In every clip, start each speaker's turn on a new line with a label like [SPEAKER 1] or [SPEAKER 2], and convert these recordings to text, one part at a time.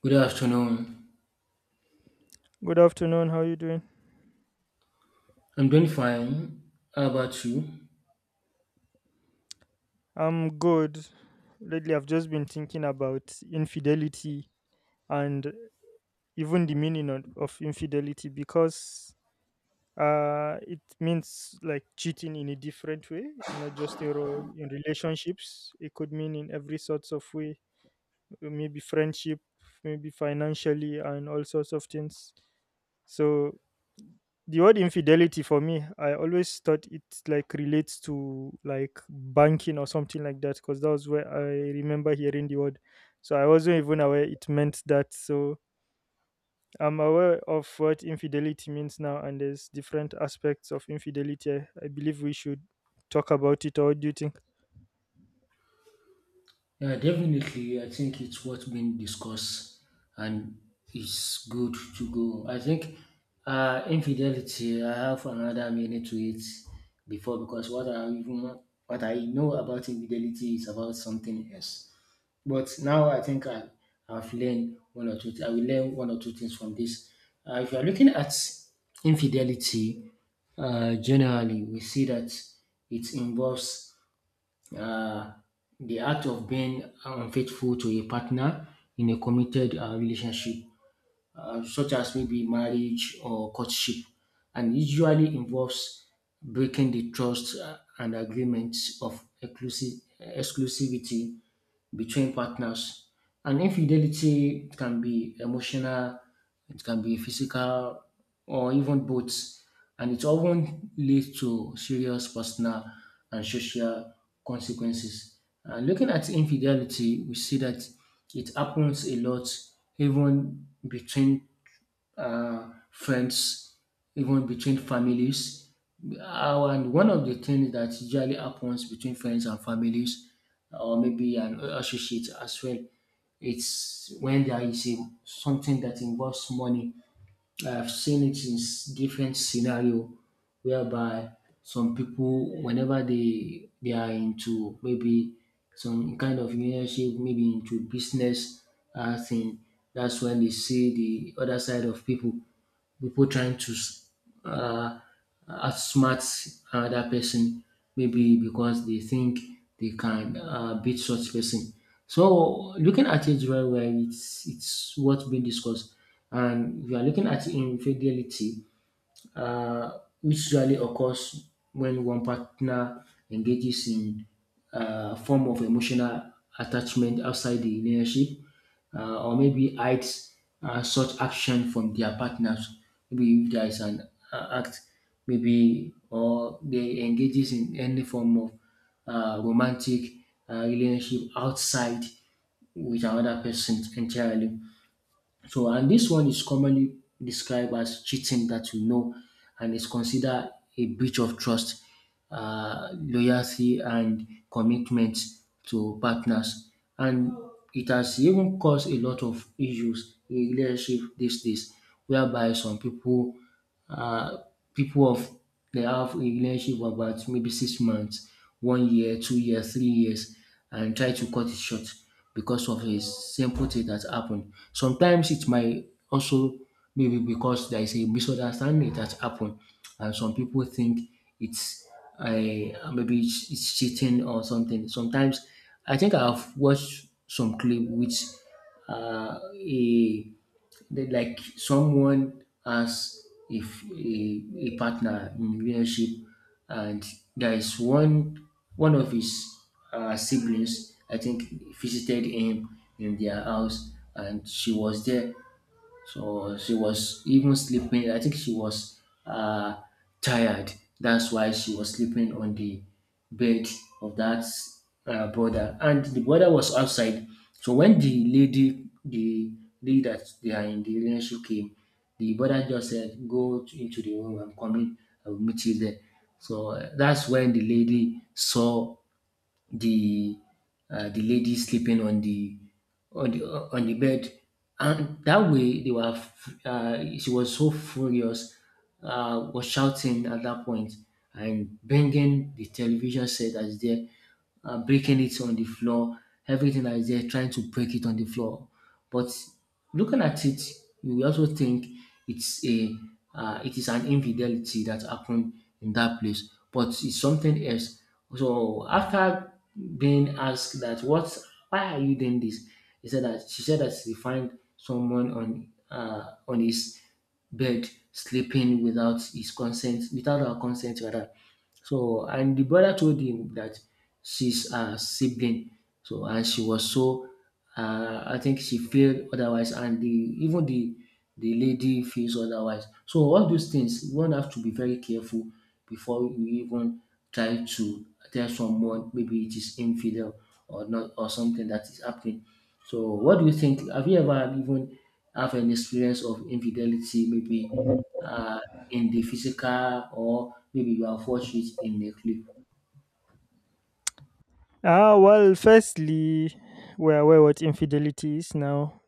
[SPEAKER 1] Good afternoon.
[SPEAKER 2] Good afternoon. How are you doing?
[SPEAKER 1] I'm doing fine. How about you?
[SPEAKER 2] I'm good. Lately, I've just been thinking about infidelity and even the meaning of infidelity because it means like cheating in a different way, not just in relationships. It could mean in every sorts of way, maybe friendship, maybe financially, and all sorts of things. So the word infidelity for me, I always thought it like relates to like banking or something like that, because that was where I remember hearing the word. So I wasn't even aware it meant that. So I'm aware of what infidelity means now, and there's different aspects of infidelity. I believe we should talk about it, or what do you think?
[SPEAKER 1] Yeah, definitely. I think it's what's been discussed and it's good to go. I think infidelity, I have another meaning to it before because what I know about infidelity is about something else. But now I think I have learned one or two. I will learn one or two things from this. If you are looking at infidelity, generally we see that it involves uh, the act of being unfaithful to a partner in a committed relationship, such as maybe marriage or courtship, and usually involves breaking the trust and agreements of exclusivity between partners. And infidelity can be emotional, it can be physical, or even both. And it often leads to serious personal and social consequences. And looking at infidelity, we see that it happens a lot, even between friends, even between families. And one of the things that usually happens between friends and families, or maybe an associate as well, it's when there is something that involves money. I've seen it in different scenario whereby some people, whenever they are into maybe some kind of relationship, maybe into business thing, that's when they see the other side of people trying to uh, outsmart another person, maybe because they think they can beat such person. So looking at it very well, it's what's been discussed, and if you are looking at infidelity, which usually occurs when one partner engages in a form of emotional attachment outside the relationship, or maybe hides such action from their partners. Maybe if there is an act, maybe or they engages in any form of romantic relationship outside with another person entirely. So, and this one is commonly described as cheating that we know and is considered a breach of trust, loyalty, and commitment to partners. And it has even caused a lot of issues in relationship these days, whereby some people uh, people of they have a relationship of about maybe 6 months, one year, 2 years, 3 years, and try to cut it short because of a simple thing that happened. Sometimes it might also maybe because there is a misunderstanding that happened, and some people think it's maybe it's cheating or something. Sometimes I think I've watched some clip which a they like someone has if a partner in relationship and there is one of his siblings I think visited him in their house and she was there so she was even sleeping. I think she was uh, tired. That's why she was sleeping on the bed of that brother. And the brother was outside. So when the lady that they are in the relationship came, the brother just said, "Go into the room. I'm coming. I will meet you there." So that's when the lady saw the the lady sleeping on the on the on the bed, and that way they were. She was so furious, was shouting at that point and banging the television set that is there, breaking it on the floor. Everything that is there, trying to break it on the floor, but looking at it, you will also think it's a it is an infidelity that happened in that place, but it's something else. So after being asked that what why are you doing this, he said that she find someone on his bed sleeping without his consent, without her consent rather. So and the brother told him that she's a sibling. So and she was so I think she feared otherwise and the even the lady feels otherwise. So all those things one have to be very careful before you even try to tell someone maybe it is infidel or not or something that is happening. So what do you think? Have you ever even have an experience of infidelity, maybe uh, in the physical, or maybe you are fortunate in a clip.
[SPEAKER 2] Well, firstly, we're aware what infidelity is now.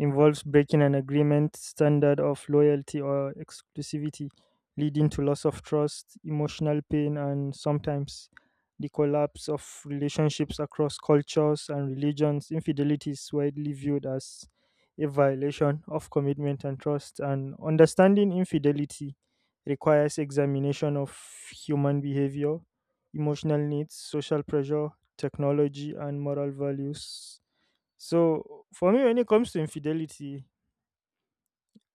[SPEAKER 2] Involves breaking an agreement, standard of loyalty or exclusivity, leading to loss of trust, emotional pain, and sometimes the collapse of relationships across cultures and religions. Infidelity is widely viewed as a violation of commitment and trust, and understanding infidelity requires examination of human behavior, emotional needs, social pressure, technology, and moral values. So for me, when it comes to infidelity,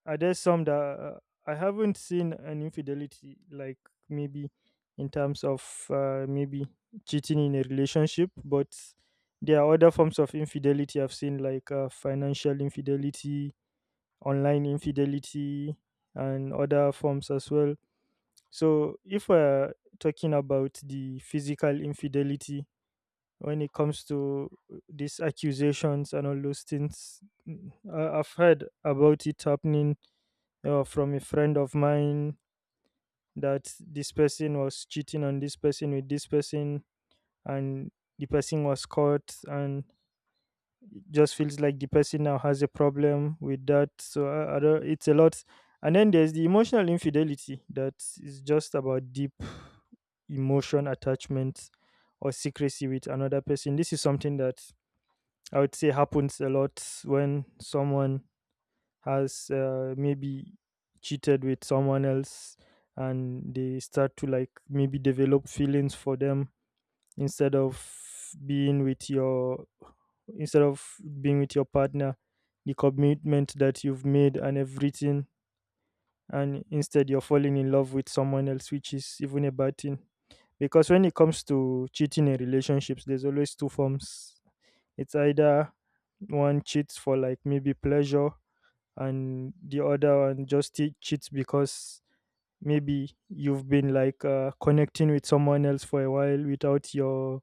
[SPEAKER 2] are there some that I haven't seen an infidelity like maybe in terms of maybe cheating in a relationship, but there are other forms of infidelity I've seen, like financial infidelity, online infidelity, and other forms as well. So if we're talking about the physical infidelity, when it comes to these accusations and all those things. I've heard about it happening from a friend of mine, that this person was cheating on this person with this person, and the person was caught, and it just feels like the person now has a problem with that. So I don't, it's a lot. And then there's the emotional infidelity, that is just about deep emotion attachment or secrecy with another person. This is something that I would say happens a lot when someone has maybe cheated with someone else and they start to like maybe develop feelings for them, instead of being with your instead of being with your partner, the commitment that you've made and everything, and instead you're falling in love with someone else, which is even a bad thing, because when it comes to cheating in relationships, there's always two forms. It's either one cheats for like maybe pleasure, and the other one just cheats because maybe you've been like connecting with someone else for a while without your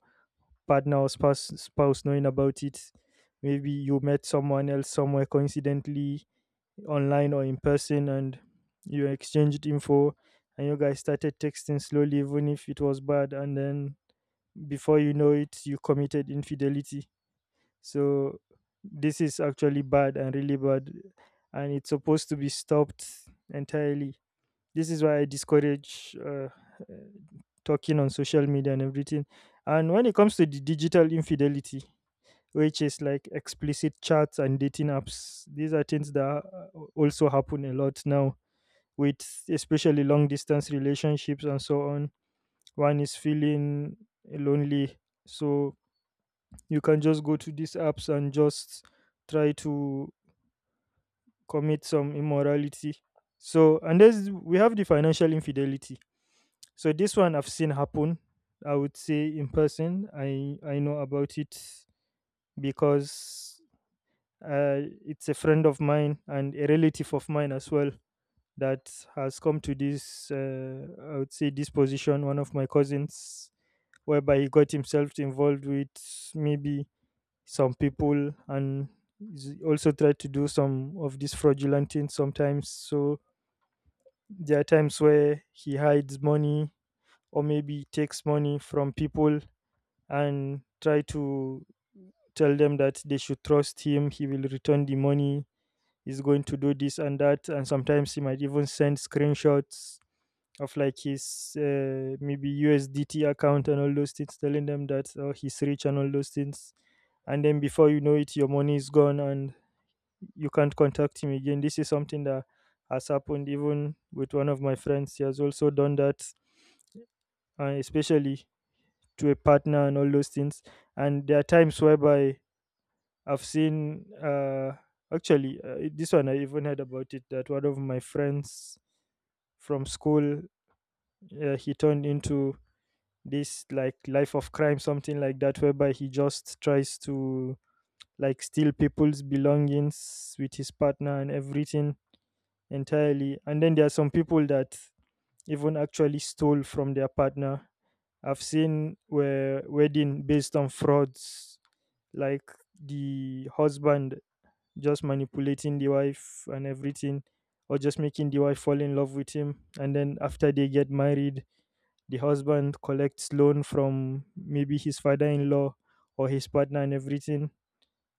[SPEAKER 2] partner or spouse, knowing about it. Maybe you met someone else somewhere coincidentally, online or in person, and you exchanged info, and you guys started texting slowly, even if it was bad, and then before you know it, you committed infidelity. So this is actually bad and really bad, and it's supposed to be stopped entirely. This is why I discourage talking on social media and everything. And when it comes to the digital infidelity, which is like explicit chats and dating apps, these are things that also happen a lot now, with especially long distance relationships and so on. One is feeling lonely, so you can just go to these apps and just try to commit some immorality. So, and there's we have the financial infidelity. So this one I've seen happen. I would say in person. I know about it because it's a friend of mine and a relative of mine as well that has come to this. I would say this position. One of my cousins, whereby he got himself involved with maybe some people, and is also tried to do some of these fraudulent things sometimes. So there are times where he hides money or maybe takes money from people and try to tell them that they should trust him. He will return the money. He's going to do this and that. And sometimes he might even send screenshots of like his maybe USDT account and all those things, telling them that oh, he's rich and all those things. And then before you know it, your money is gone and you can't contact him again. This is something that has happened even with one of my friends. He has also done that, especially to a partner and all those things. And there are times whereby I've seen, this one I even heard about it, that one of my friends from school, he turned into this like life of crime, something like that, whereby he just tries to like steal people's belongings with his partner and everything entirely. And then there are some people that even actually stole from their partner. I've seen where wedding based on frauds, like the husband just manipulating the wife and everything, or just making the wife fall in love with him. And then after they get married, the husband collects loan from maybe his father-in-law or his partner and everything,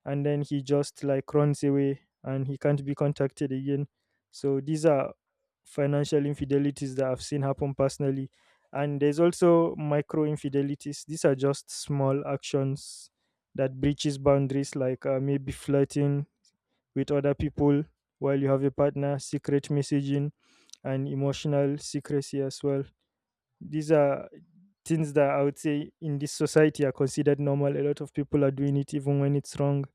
[SPEAKER 2] and then he just like runs away and he can't be contacted again. So these are financial infidelities that I've seen happen personally. And there's also micro infidelities. These are just small actions that breaches boundaries, like maybe flirting with other people while you have a partner, secret messaging and emotional secrecy as well. These are things that I would say in this society are considered normal. A lot of people are doing it even when it's wrong.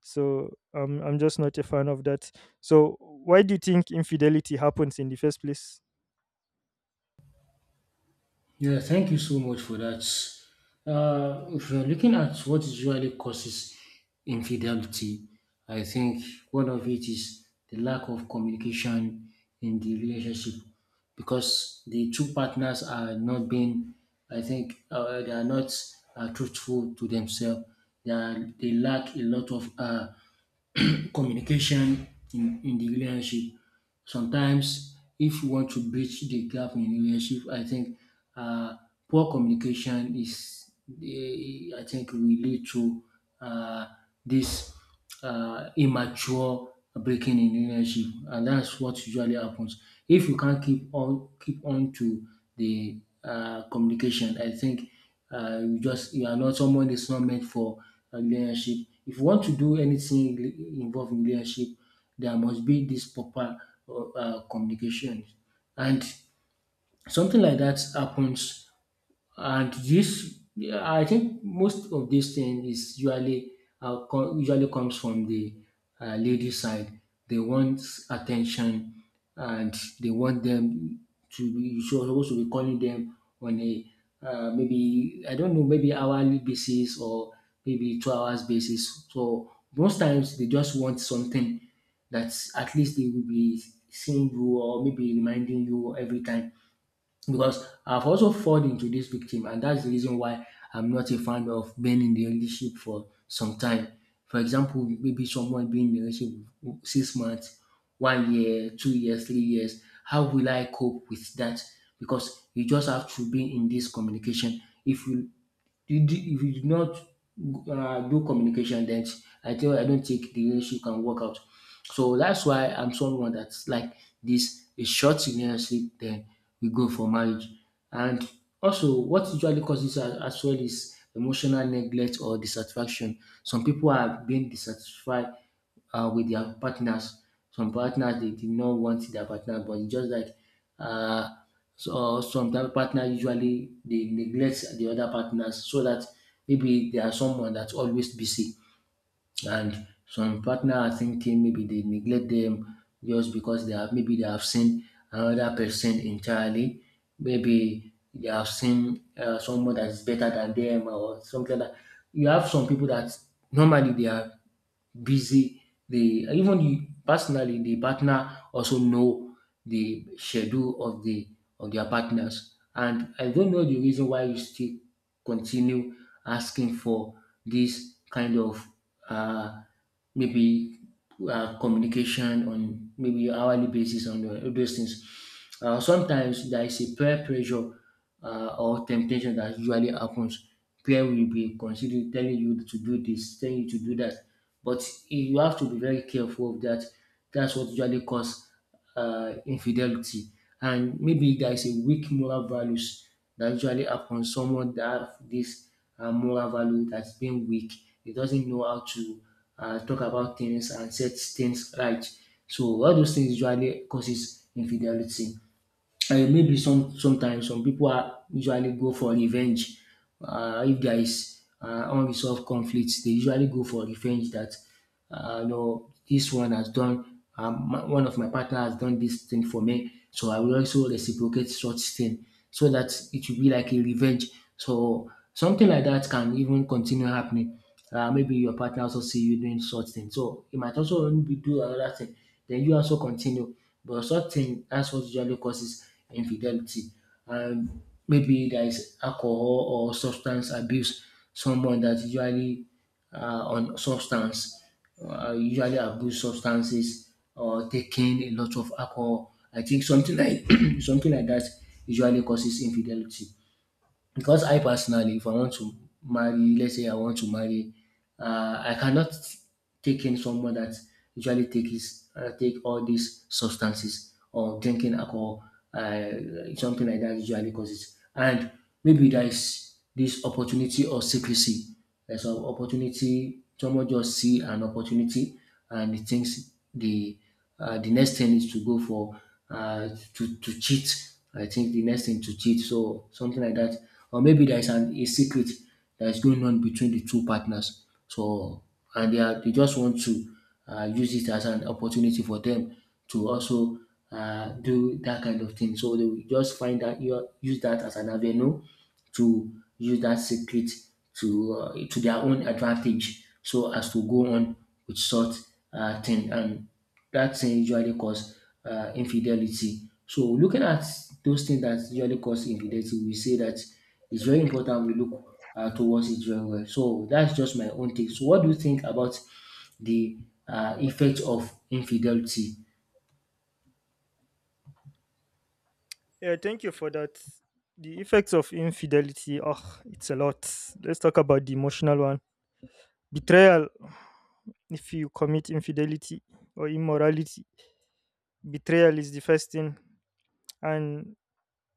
[SPEAKER 2] So I'm just not a fan of that. So why do you think infidelity happens in the first place?
[SPEAKER 1] Yeah, thank you so much for that. If you're looking at what usually causes infidelity, I think one of it is the lack of communication in the relationship because the two partners are not being, I think, they are not truthful to themselves. They lack a lot of communication in the relationship. Sometimes, if you want to bridge the gap in relationship, I think uh, poor communication I think, will lead to uh, this immature breaking in relationship, and that's what usually happens. If you can't keep on to the communication, I think you are not someone that's not meant for a relationship. If you want to do anything involved in relationship, there must be this proper communication, and something like that happens and this, I think, most of this thing is usually usually comes from the lady side. They want attention, and they want them to be. You're supposed to be calling them on a maybe I don't know, maybe hourly basis or maybe 2 hours basis. So most times they just want something that at least they will be seeing you or maybe reminding you every time because I've also fallen into this victim, and that's the reason why I'm not a fan of being in the relationship for some time. For example, maybe someone being in a relationship with 6 months, one year, 2 years, 3 years. How will I cope with that? Because you just have to be in this communication. If you did you do if you do not do communication, then I don't think the relationship can work out. So that's why I'm someone that's like this a short relationship, then we go for marriage. And also what usually causes as well is emotional neglect or dissatisfaction. Some people are being dissatisfied with their partners. Some partners they did not want their partner, but it's just like uh, some type of partner usually they neglect the other partners so that maybe there are someone that's always busy and some partner are thinking maybe they neglect them just because they have maybe they have seen another person entirely. Maybe they have seen someone that is better than them or something like that. You have some people that normally they are busy. They even you personally the partner also know the schedule of the of their partners. And I don't know the reason why you still continue asking for this kind of uh, maybe communication on maybe hourly basis on the- all those things. Sometimes there is a peer pressure or temptation that usually happens, prayer will be considering telling you to do this, telling you to do that, but you have to be very careful of that. That's what usually cause infidelity, and maybe there is a weak moral values that usually happens. Someone that have this moral value that's been weak, he doesn't know how to talk about things and set things right. So all those things usually causes infidelity. Maybe sometimes some people are usually go for revenge. If there is unresolved conflicts, they usually go for revenge that you know this one has done one of my partner has done this thing for me, so I will also reciprocate such thing so that it will be like a revenge. So something like that can even continue happening. Maybe your partner also see you doing such thing, so it might also be do another thing. Then you also continue. But such thing, that's what usually causes infidelity. And maybe there is alcohol or substance abuse. Someone that usually uh, on substance, usually abuse substances or taking a lot of alcohol. I think something like something like that usually causes infidelity. Because I personally, if I want to marry, let's say I want to marry, I cannot take in someone that usually takes take all these substances or drinking alcohol, uh, something like that usually causes. And maybe there is this opportunity or secrecy. There's an opportunity. Someone just see an opportunity and he thinks the next thing is to go for uh, to cheat. I think the next thing to cheat, so something like that, or maybe there is an a secret that is going on between the two partners. So and they are they just want to use it as an opportunity for them to also do that kind of thing. So they will just find that you use that as an avenue to use that secret to their own advantage so as to go on with such thing, and that thing usually cause infidelity. So looking at those things that usually cause infidelity, we say that it's very important we look towards it very well. So that's just my own take. So what do you think about the effect of infidelity?
[SPEAKER 2] Yeah, thank you for that. The effects of infidelity, oh, it's a lot. Let's talk about the emotional one. Betrayal. If you commit infidelity or immorality, betrayal is the first thing. And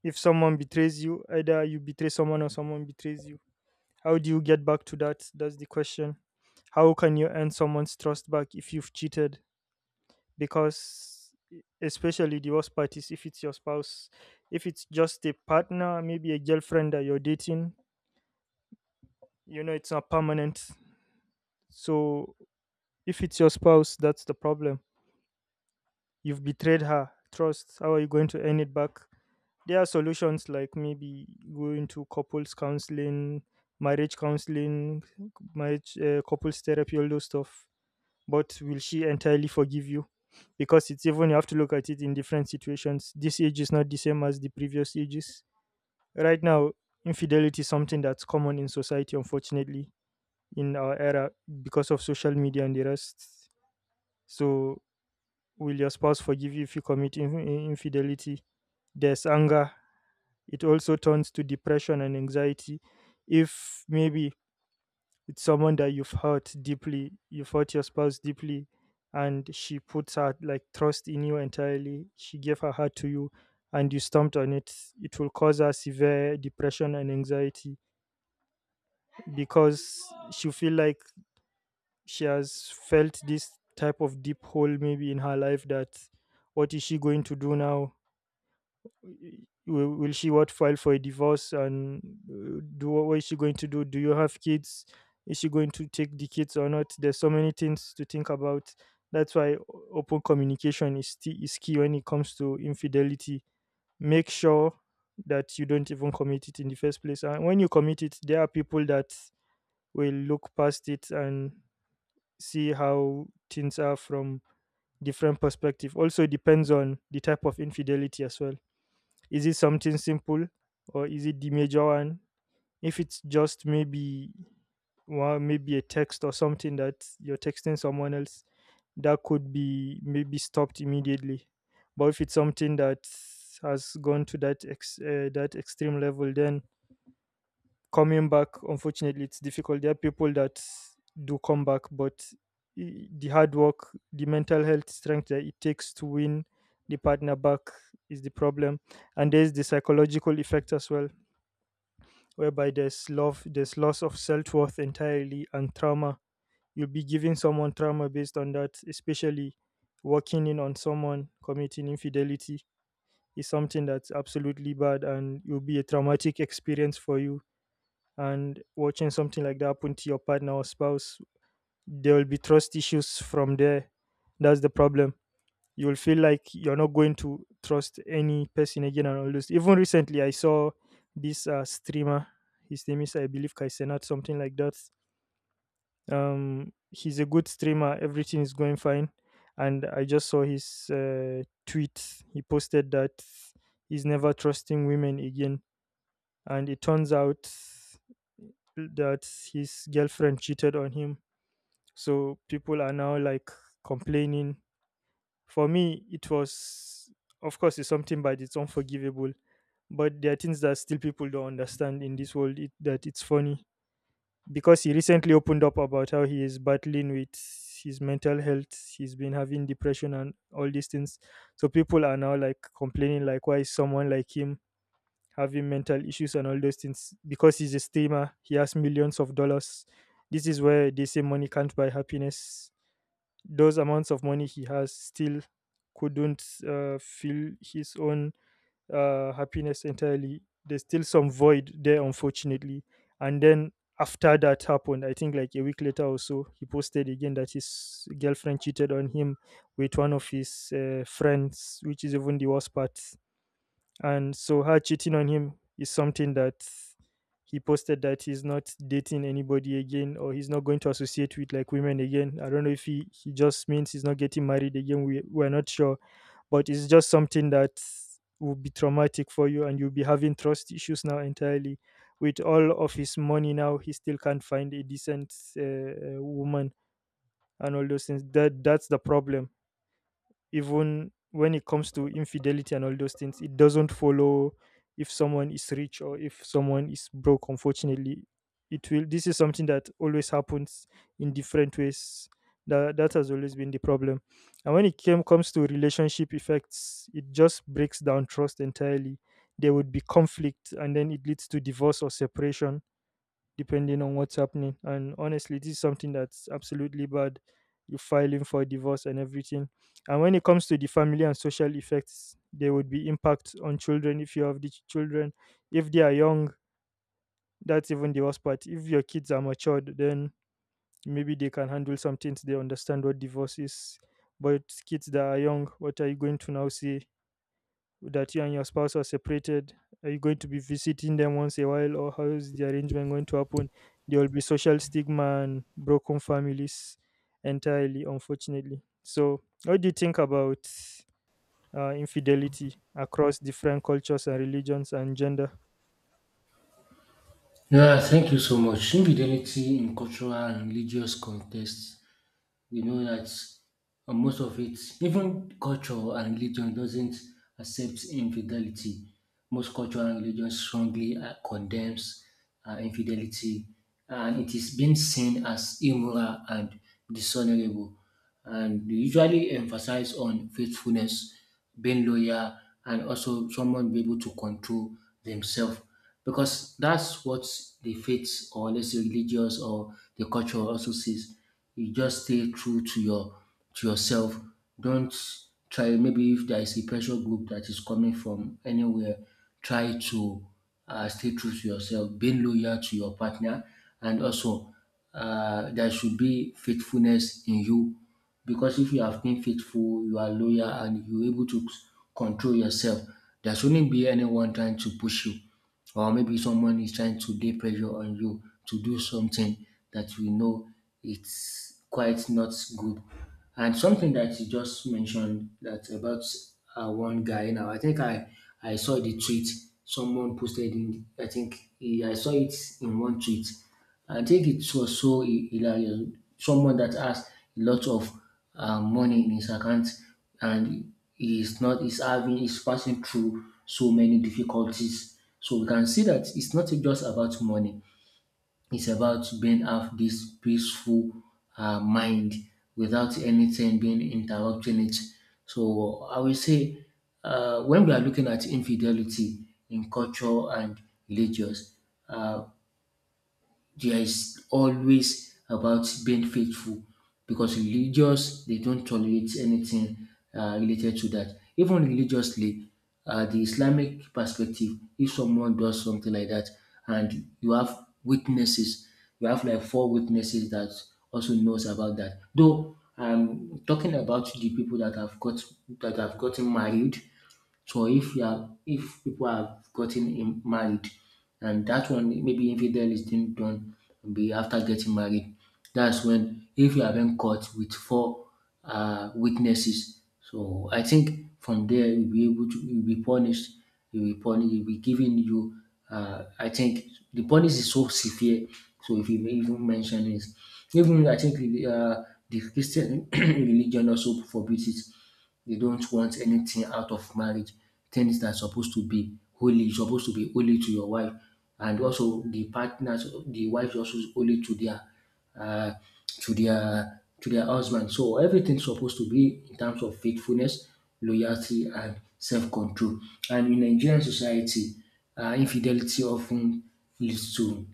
[SPEAKER 2] if someone betrays you, either you betray someone or someone betrays you, how do you get back to that? That's the question. How can you earn someone's trust back if you've cheated? Because especially the worst part is if it's your spouse. If it's just a partner, maybe a girlfriend that you're dating, you know it's not permanent. So if it's your spouse, that's the problem. You've betrayed her trust. How are you going to earn it back? There are solutions, like maybe going to couples counseling, marriage counseling, marriage couples therapy, all those stuff. But will she entirely forgive you? Because it's even you have to look at it in different situations. This age is not the same as the previous ages. Right now, infidelity is something that's common in society, unfortunately, in our era, because of social media and the rest. So will your spouse forgive you if you commit infidelity? There's anger. It also turns to depression and anxiety. If maybe it's someone that you've hurt deeply, you've hurt your spouse deeply, and she puts her like trust in you entirely. She gave her heart to you, and you stomped on it. It will cause her severe depression and anxiety, because she feel like she has felt this type of deep hole maybe in her life, that what is she going to do now? Will she what file for a divorce, and do what is she going to do? Do you have kids? Is she going to take the kids or not? There's so many things to think about. That's why open communication is key when it comes to infidelity. Make sure that you don't even commit it in the first place. And when you commit it, there are people that will look past it and see how things are from different perspective. Also depends on the type of infidelity as well. Is it something simple, or is it the major one? If it's just maybe well, maybe a text or something that you're texting someone else, that could be maybe stopped immediately. But if it's something that has gone to that that extreme level, then coming back, unfortunately, it's difficult. There are people that do come back, but the hard work, the mental health strength that it takes to win the partner back is the problem. And there's the psychological effect as well, whereby there's love, there's loss of self-worth entirely and trauma. You'll be giving someone trauma based on that, especially working in on someone committing infidelity is something that's absolutely bad, and it will be a traumatic experience for you. And watching something like that happen to your partner or spouse, there will be trust issues from there. That's the problem. You'll feel like you're not going to trust any person again and all this. Even recently, I saw this streamer. His name is, I believe, Kaisenat, something like that. He's a good streamer. Everything is going fine. And I just saw his tweet. He posted that he's never trusting women again, and it turns out that his girlfriend cheated on him. So people are now complaining. For me, it was, of course, it's something, but it's unforgivable. But there are things that still people don't understand in this world, that it's funny because he recently opened up about how he is battling with his mental health. He's been having depression and all these things. So people are now complaining like why is someone like him having mental issues and all those things. Because he's a streamer, he has millions of dollars. This is where they say money can't buy happiness. Those amounts of money he has still couldn't fill his own happiness entirely. There's still some void there, unfortunately. And then after that happened, I think like a week later or so, he posted again that his girlfriend cheated on him with one of his friends, which is even the worst part. And so her cheating on him is something that, he posted that he's not dating anybody again, or he's not going to associate with women again. I don't know if he, he just means he's not getting married again. We're not sure. But it's just something that will be traumatic for you, and you'll be having trust issues now entirely. With all of his money now, he still can't find a decent woman and all those things. That's the problem. Even when it comes to infidelity and all those things, it doesn't follow if someone is rich or if someone is broke. Unfortunately, it will this is something that always happens in different ways. That has always been the problem. And when it came comes to relationship effects, it just breaks down trust entirely. There would be conflict, and then it leads to divorce or separation depending on what's happening. And honestly, this is something that's absolutely bad. You filing for divorce and everything. And when it comes to the family and social effects, there would be impact on children if you have children. If they are young, that's even the worst part. If your kids are matured, then maybe they can handle some things. They understand what divorce is. But kids that are young, what are you going to now say? That you and your spouse are separated? Are you going to be visiting them once a while, or how is the arrangement going to happen? There will be social stigma and broken families entirely, unfortunately. So what do you think about infidelity across different cultures and religions and gender?
[SPEAKER 1] Yeah, thank you so much. Infidelity in cultural and religious contexts. We know that most of it, even culture and religion, doesn't accept infidelity. Most culture and religion strongly condemns infidelity, and it is being seen as immoral and dishonorable. And they usually emphasize on faithfulness, being loyal, and also someone be able to control themselves, because that's what the faith, or let's say religious or the culture, also sees. You just stay true to your to yourself. Don't try, maybe if there is a pressure group that is coming from anywhere, try to stay true to yourself, being loyal to your partner, and also there should be faithfulness in you, because if you have been faithful, you are loyal, and you're able to control yourself, there shouldn't be anyone trying to push you, or maybe someone is trying to lay pressure on you to do something that you know it's quite not good. And something that you just mentioned, that about one guy now, I think I saw the tweet someone posted in. I think I saw it in one tweet. I think it was so hilarious. Someone that has a lot of money in his account, and he's not is having is passing through so many difficulties. So we can see that it's not just about money. It's about being have this peaceful mind without anything being interrupting it. So I will say, when we are looking at infidelity in culture and religious, uh, there is always about being faithful, because religious they don't tolerate anything related to that. Even religiously, the Islamic perspective, if someone does something like that and you have witnesses, you have like four witnesses that also knows about that, though I'm talking about the people that have got that have gotten married. So if you are, if people have gotten married, and that one maybe infidel is being done be after getting married, that's when, if you have been caught with four witnesses. So I think from there you'll be able to you'll be punished. You'll be punished. You'll be given you. I think the punish is so severe. So if you even mention it, even I think, uh, the Christian religion also forbids it. They don't want anything out of marriage, things that are supposed to be holy. You're supposed to be holy to your wife, and also the partners, the wife is also holy to their uh, to their husband. So everything's supposed to be in terms of faithfulness, loyalty, and self-control. And in Nigerian society, infidelity often leads to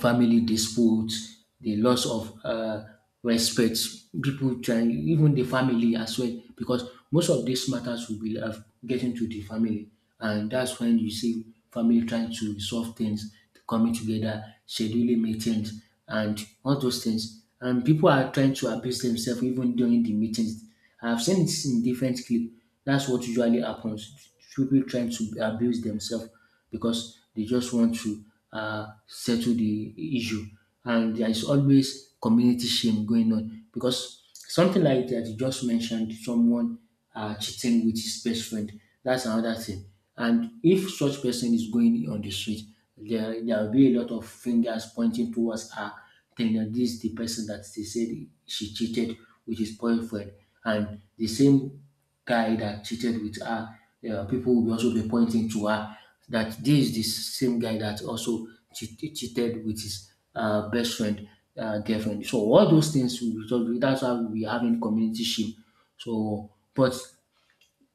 [SPEAKER 1] family disputes, the loss of respect, people trying, even the family as well, because most of these matters will be getting to the family, and that's when you see family trying to resolve things, coming together, scheduling meetings, and all those things. And people are trying to abuse themselves even during the meetings. I've seen it in different clips. That's what usually happens. People trying to abuse themselves because they just want to settle the issue. And there is always community shame going on, because something like that you just mentioned, someone cheating with his best friend, that's another thing. And if such person is going on the street, there will be a lot of fingers pointing towards her, telling her this is the person that they said she cheated with his boyfriend. And the same guy that cheated with her, people will also be pointing to her that this is the same guy that also cheated with his best friend girlfriend. So all those things, will result- that's why we are having community shame. So, but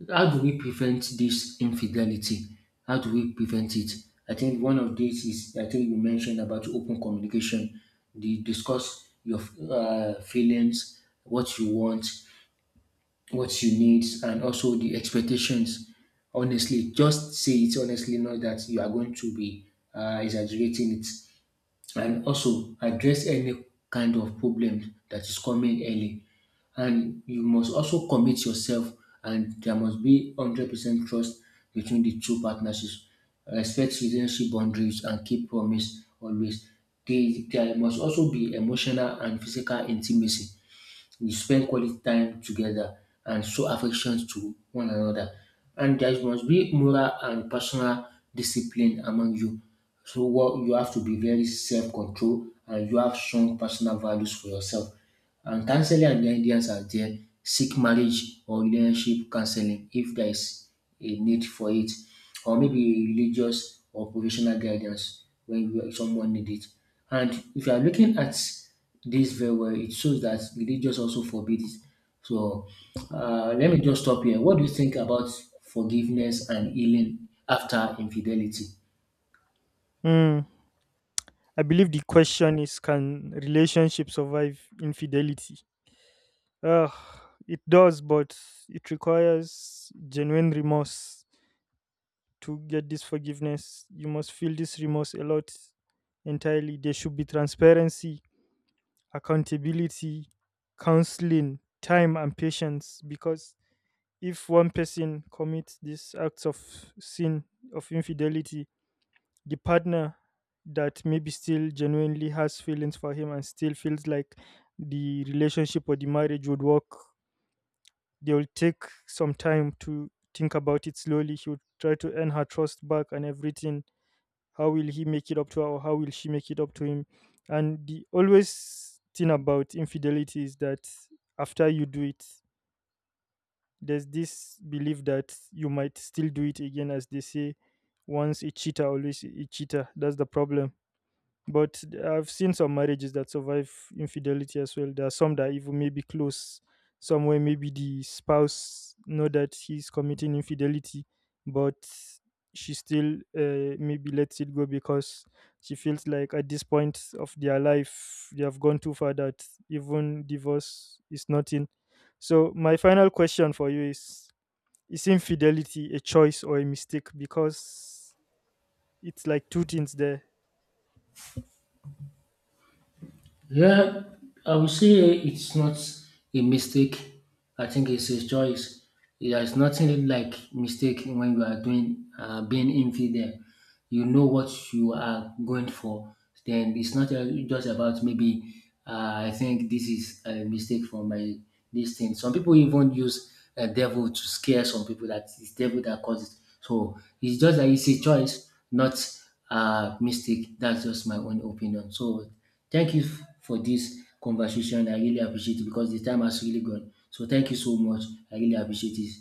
[SPEAKER 1] how do we prevent this infidelity? How do we prevent it? I think one of these is, I think you mentioned about open communication. The discuss your feelings, what you want, what you need, and also the expectations. Honestly, just say it honestly, not that you are going to be exaggerating it. And also address any kind of problem that is coming early. And you must also commit yourself, and there must be 100% trust between the two partnerships. Respect relationship boundaries and keep promise always. There must also be emotional and physical intimacy. We spend quality time together and show affection to one another. And there must be moral and personal discipline among you. So what you have to be very self-control, and you have strong personal values for yourself. And counseling and guidance are there. Seek marriage or relationship counseling if there is a need for it, or maybe religious or professional guidance when you- someone need it. And if you are looking at this very well, it shows that religious also forbid it. So let me just stop here. What do you think about forgiveness and healing after infidelity?
[SPEAKER 2] Hmm. I believe the question is, can relationship survive infidelity? Ugh, it does, but it requires genuine remorse to get this forgiveness. You must feel this remorse a lot entirely. There should be transparency, accountability, counseling, time, and patience, because if one person commits these acts of sin, of infidelity, the partner that maybe still genuinely has feelings for him and still feels like the relationship or the marriage would work, they will take some time to think about it slowly. He would try to earn her trust back and everything. How will he make it up to her, or how will she make it up to him? And the always thing about infidelity is that after you do it, there's this belief that you might still do it again. As they say, once a cheater, always a cheater. That's the problem. But I've seen some marriages that survive infidelity as well. There are some that even maybe close somewhere. Maybe the spouse know that he's committing infidelity, but she still maybe lets it go because she feels like at this point of their life they have gone too far that even divorce is nothing. So my final question for you is: is infidelity a choice or a mistake? Because it's like two things there.
[SPEAKER 1] Yeah, I would say it's not a mistake. I think it's a choice. There's nothing like mistake when you are doing being infidel. You know what you are going for. Then it's not just about maybe I think this is a mistake for my this thing. Some people even use a devil to scare some people that it's devil that caused it. So it's just that it's a choice, not a mistake. That's just my own opinion. So thank you for this conversation. I really appreciate it, because the time has really gone. So thank you so much. I really appreciate it.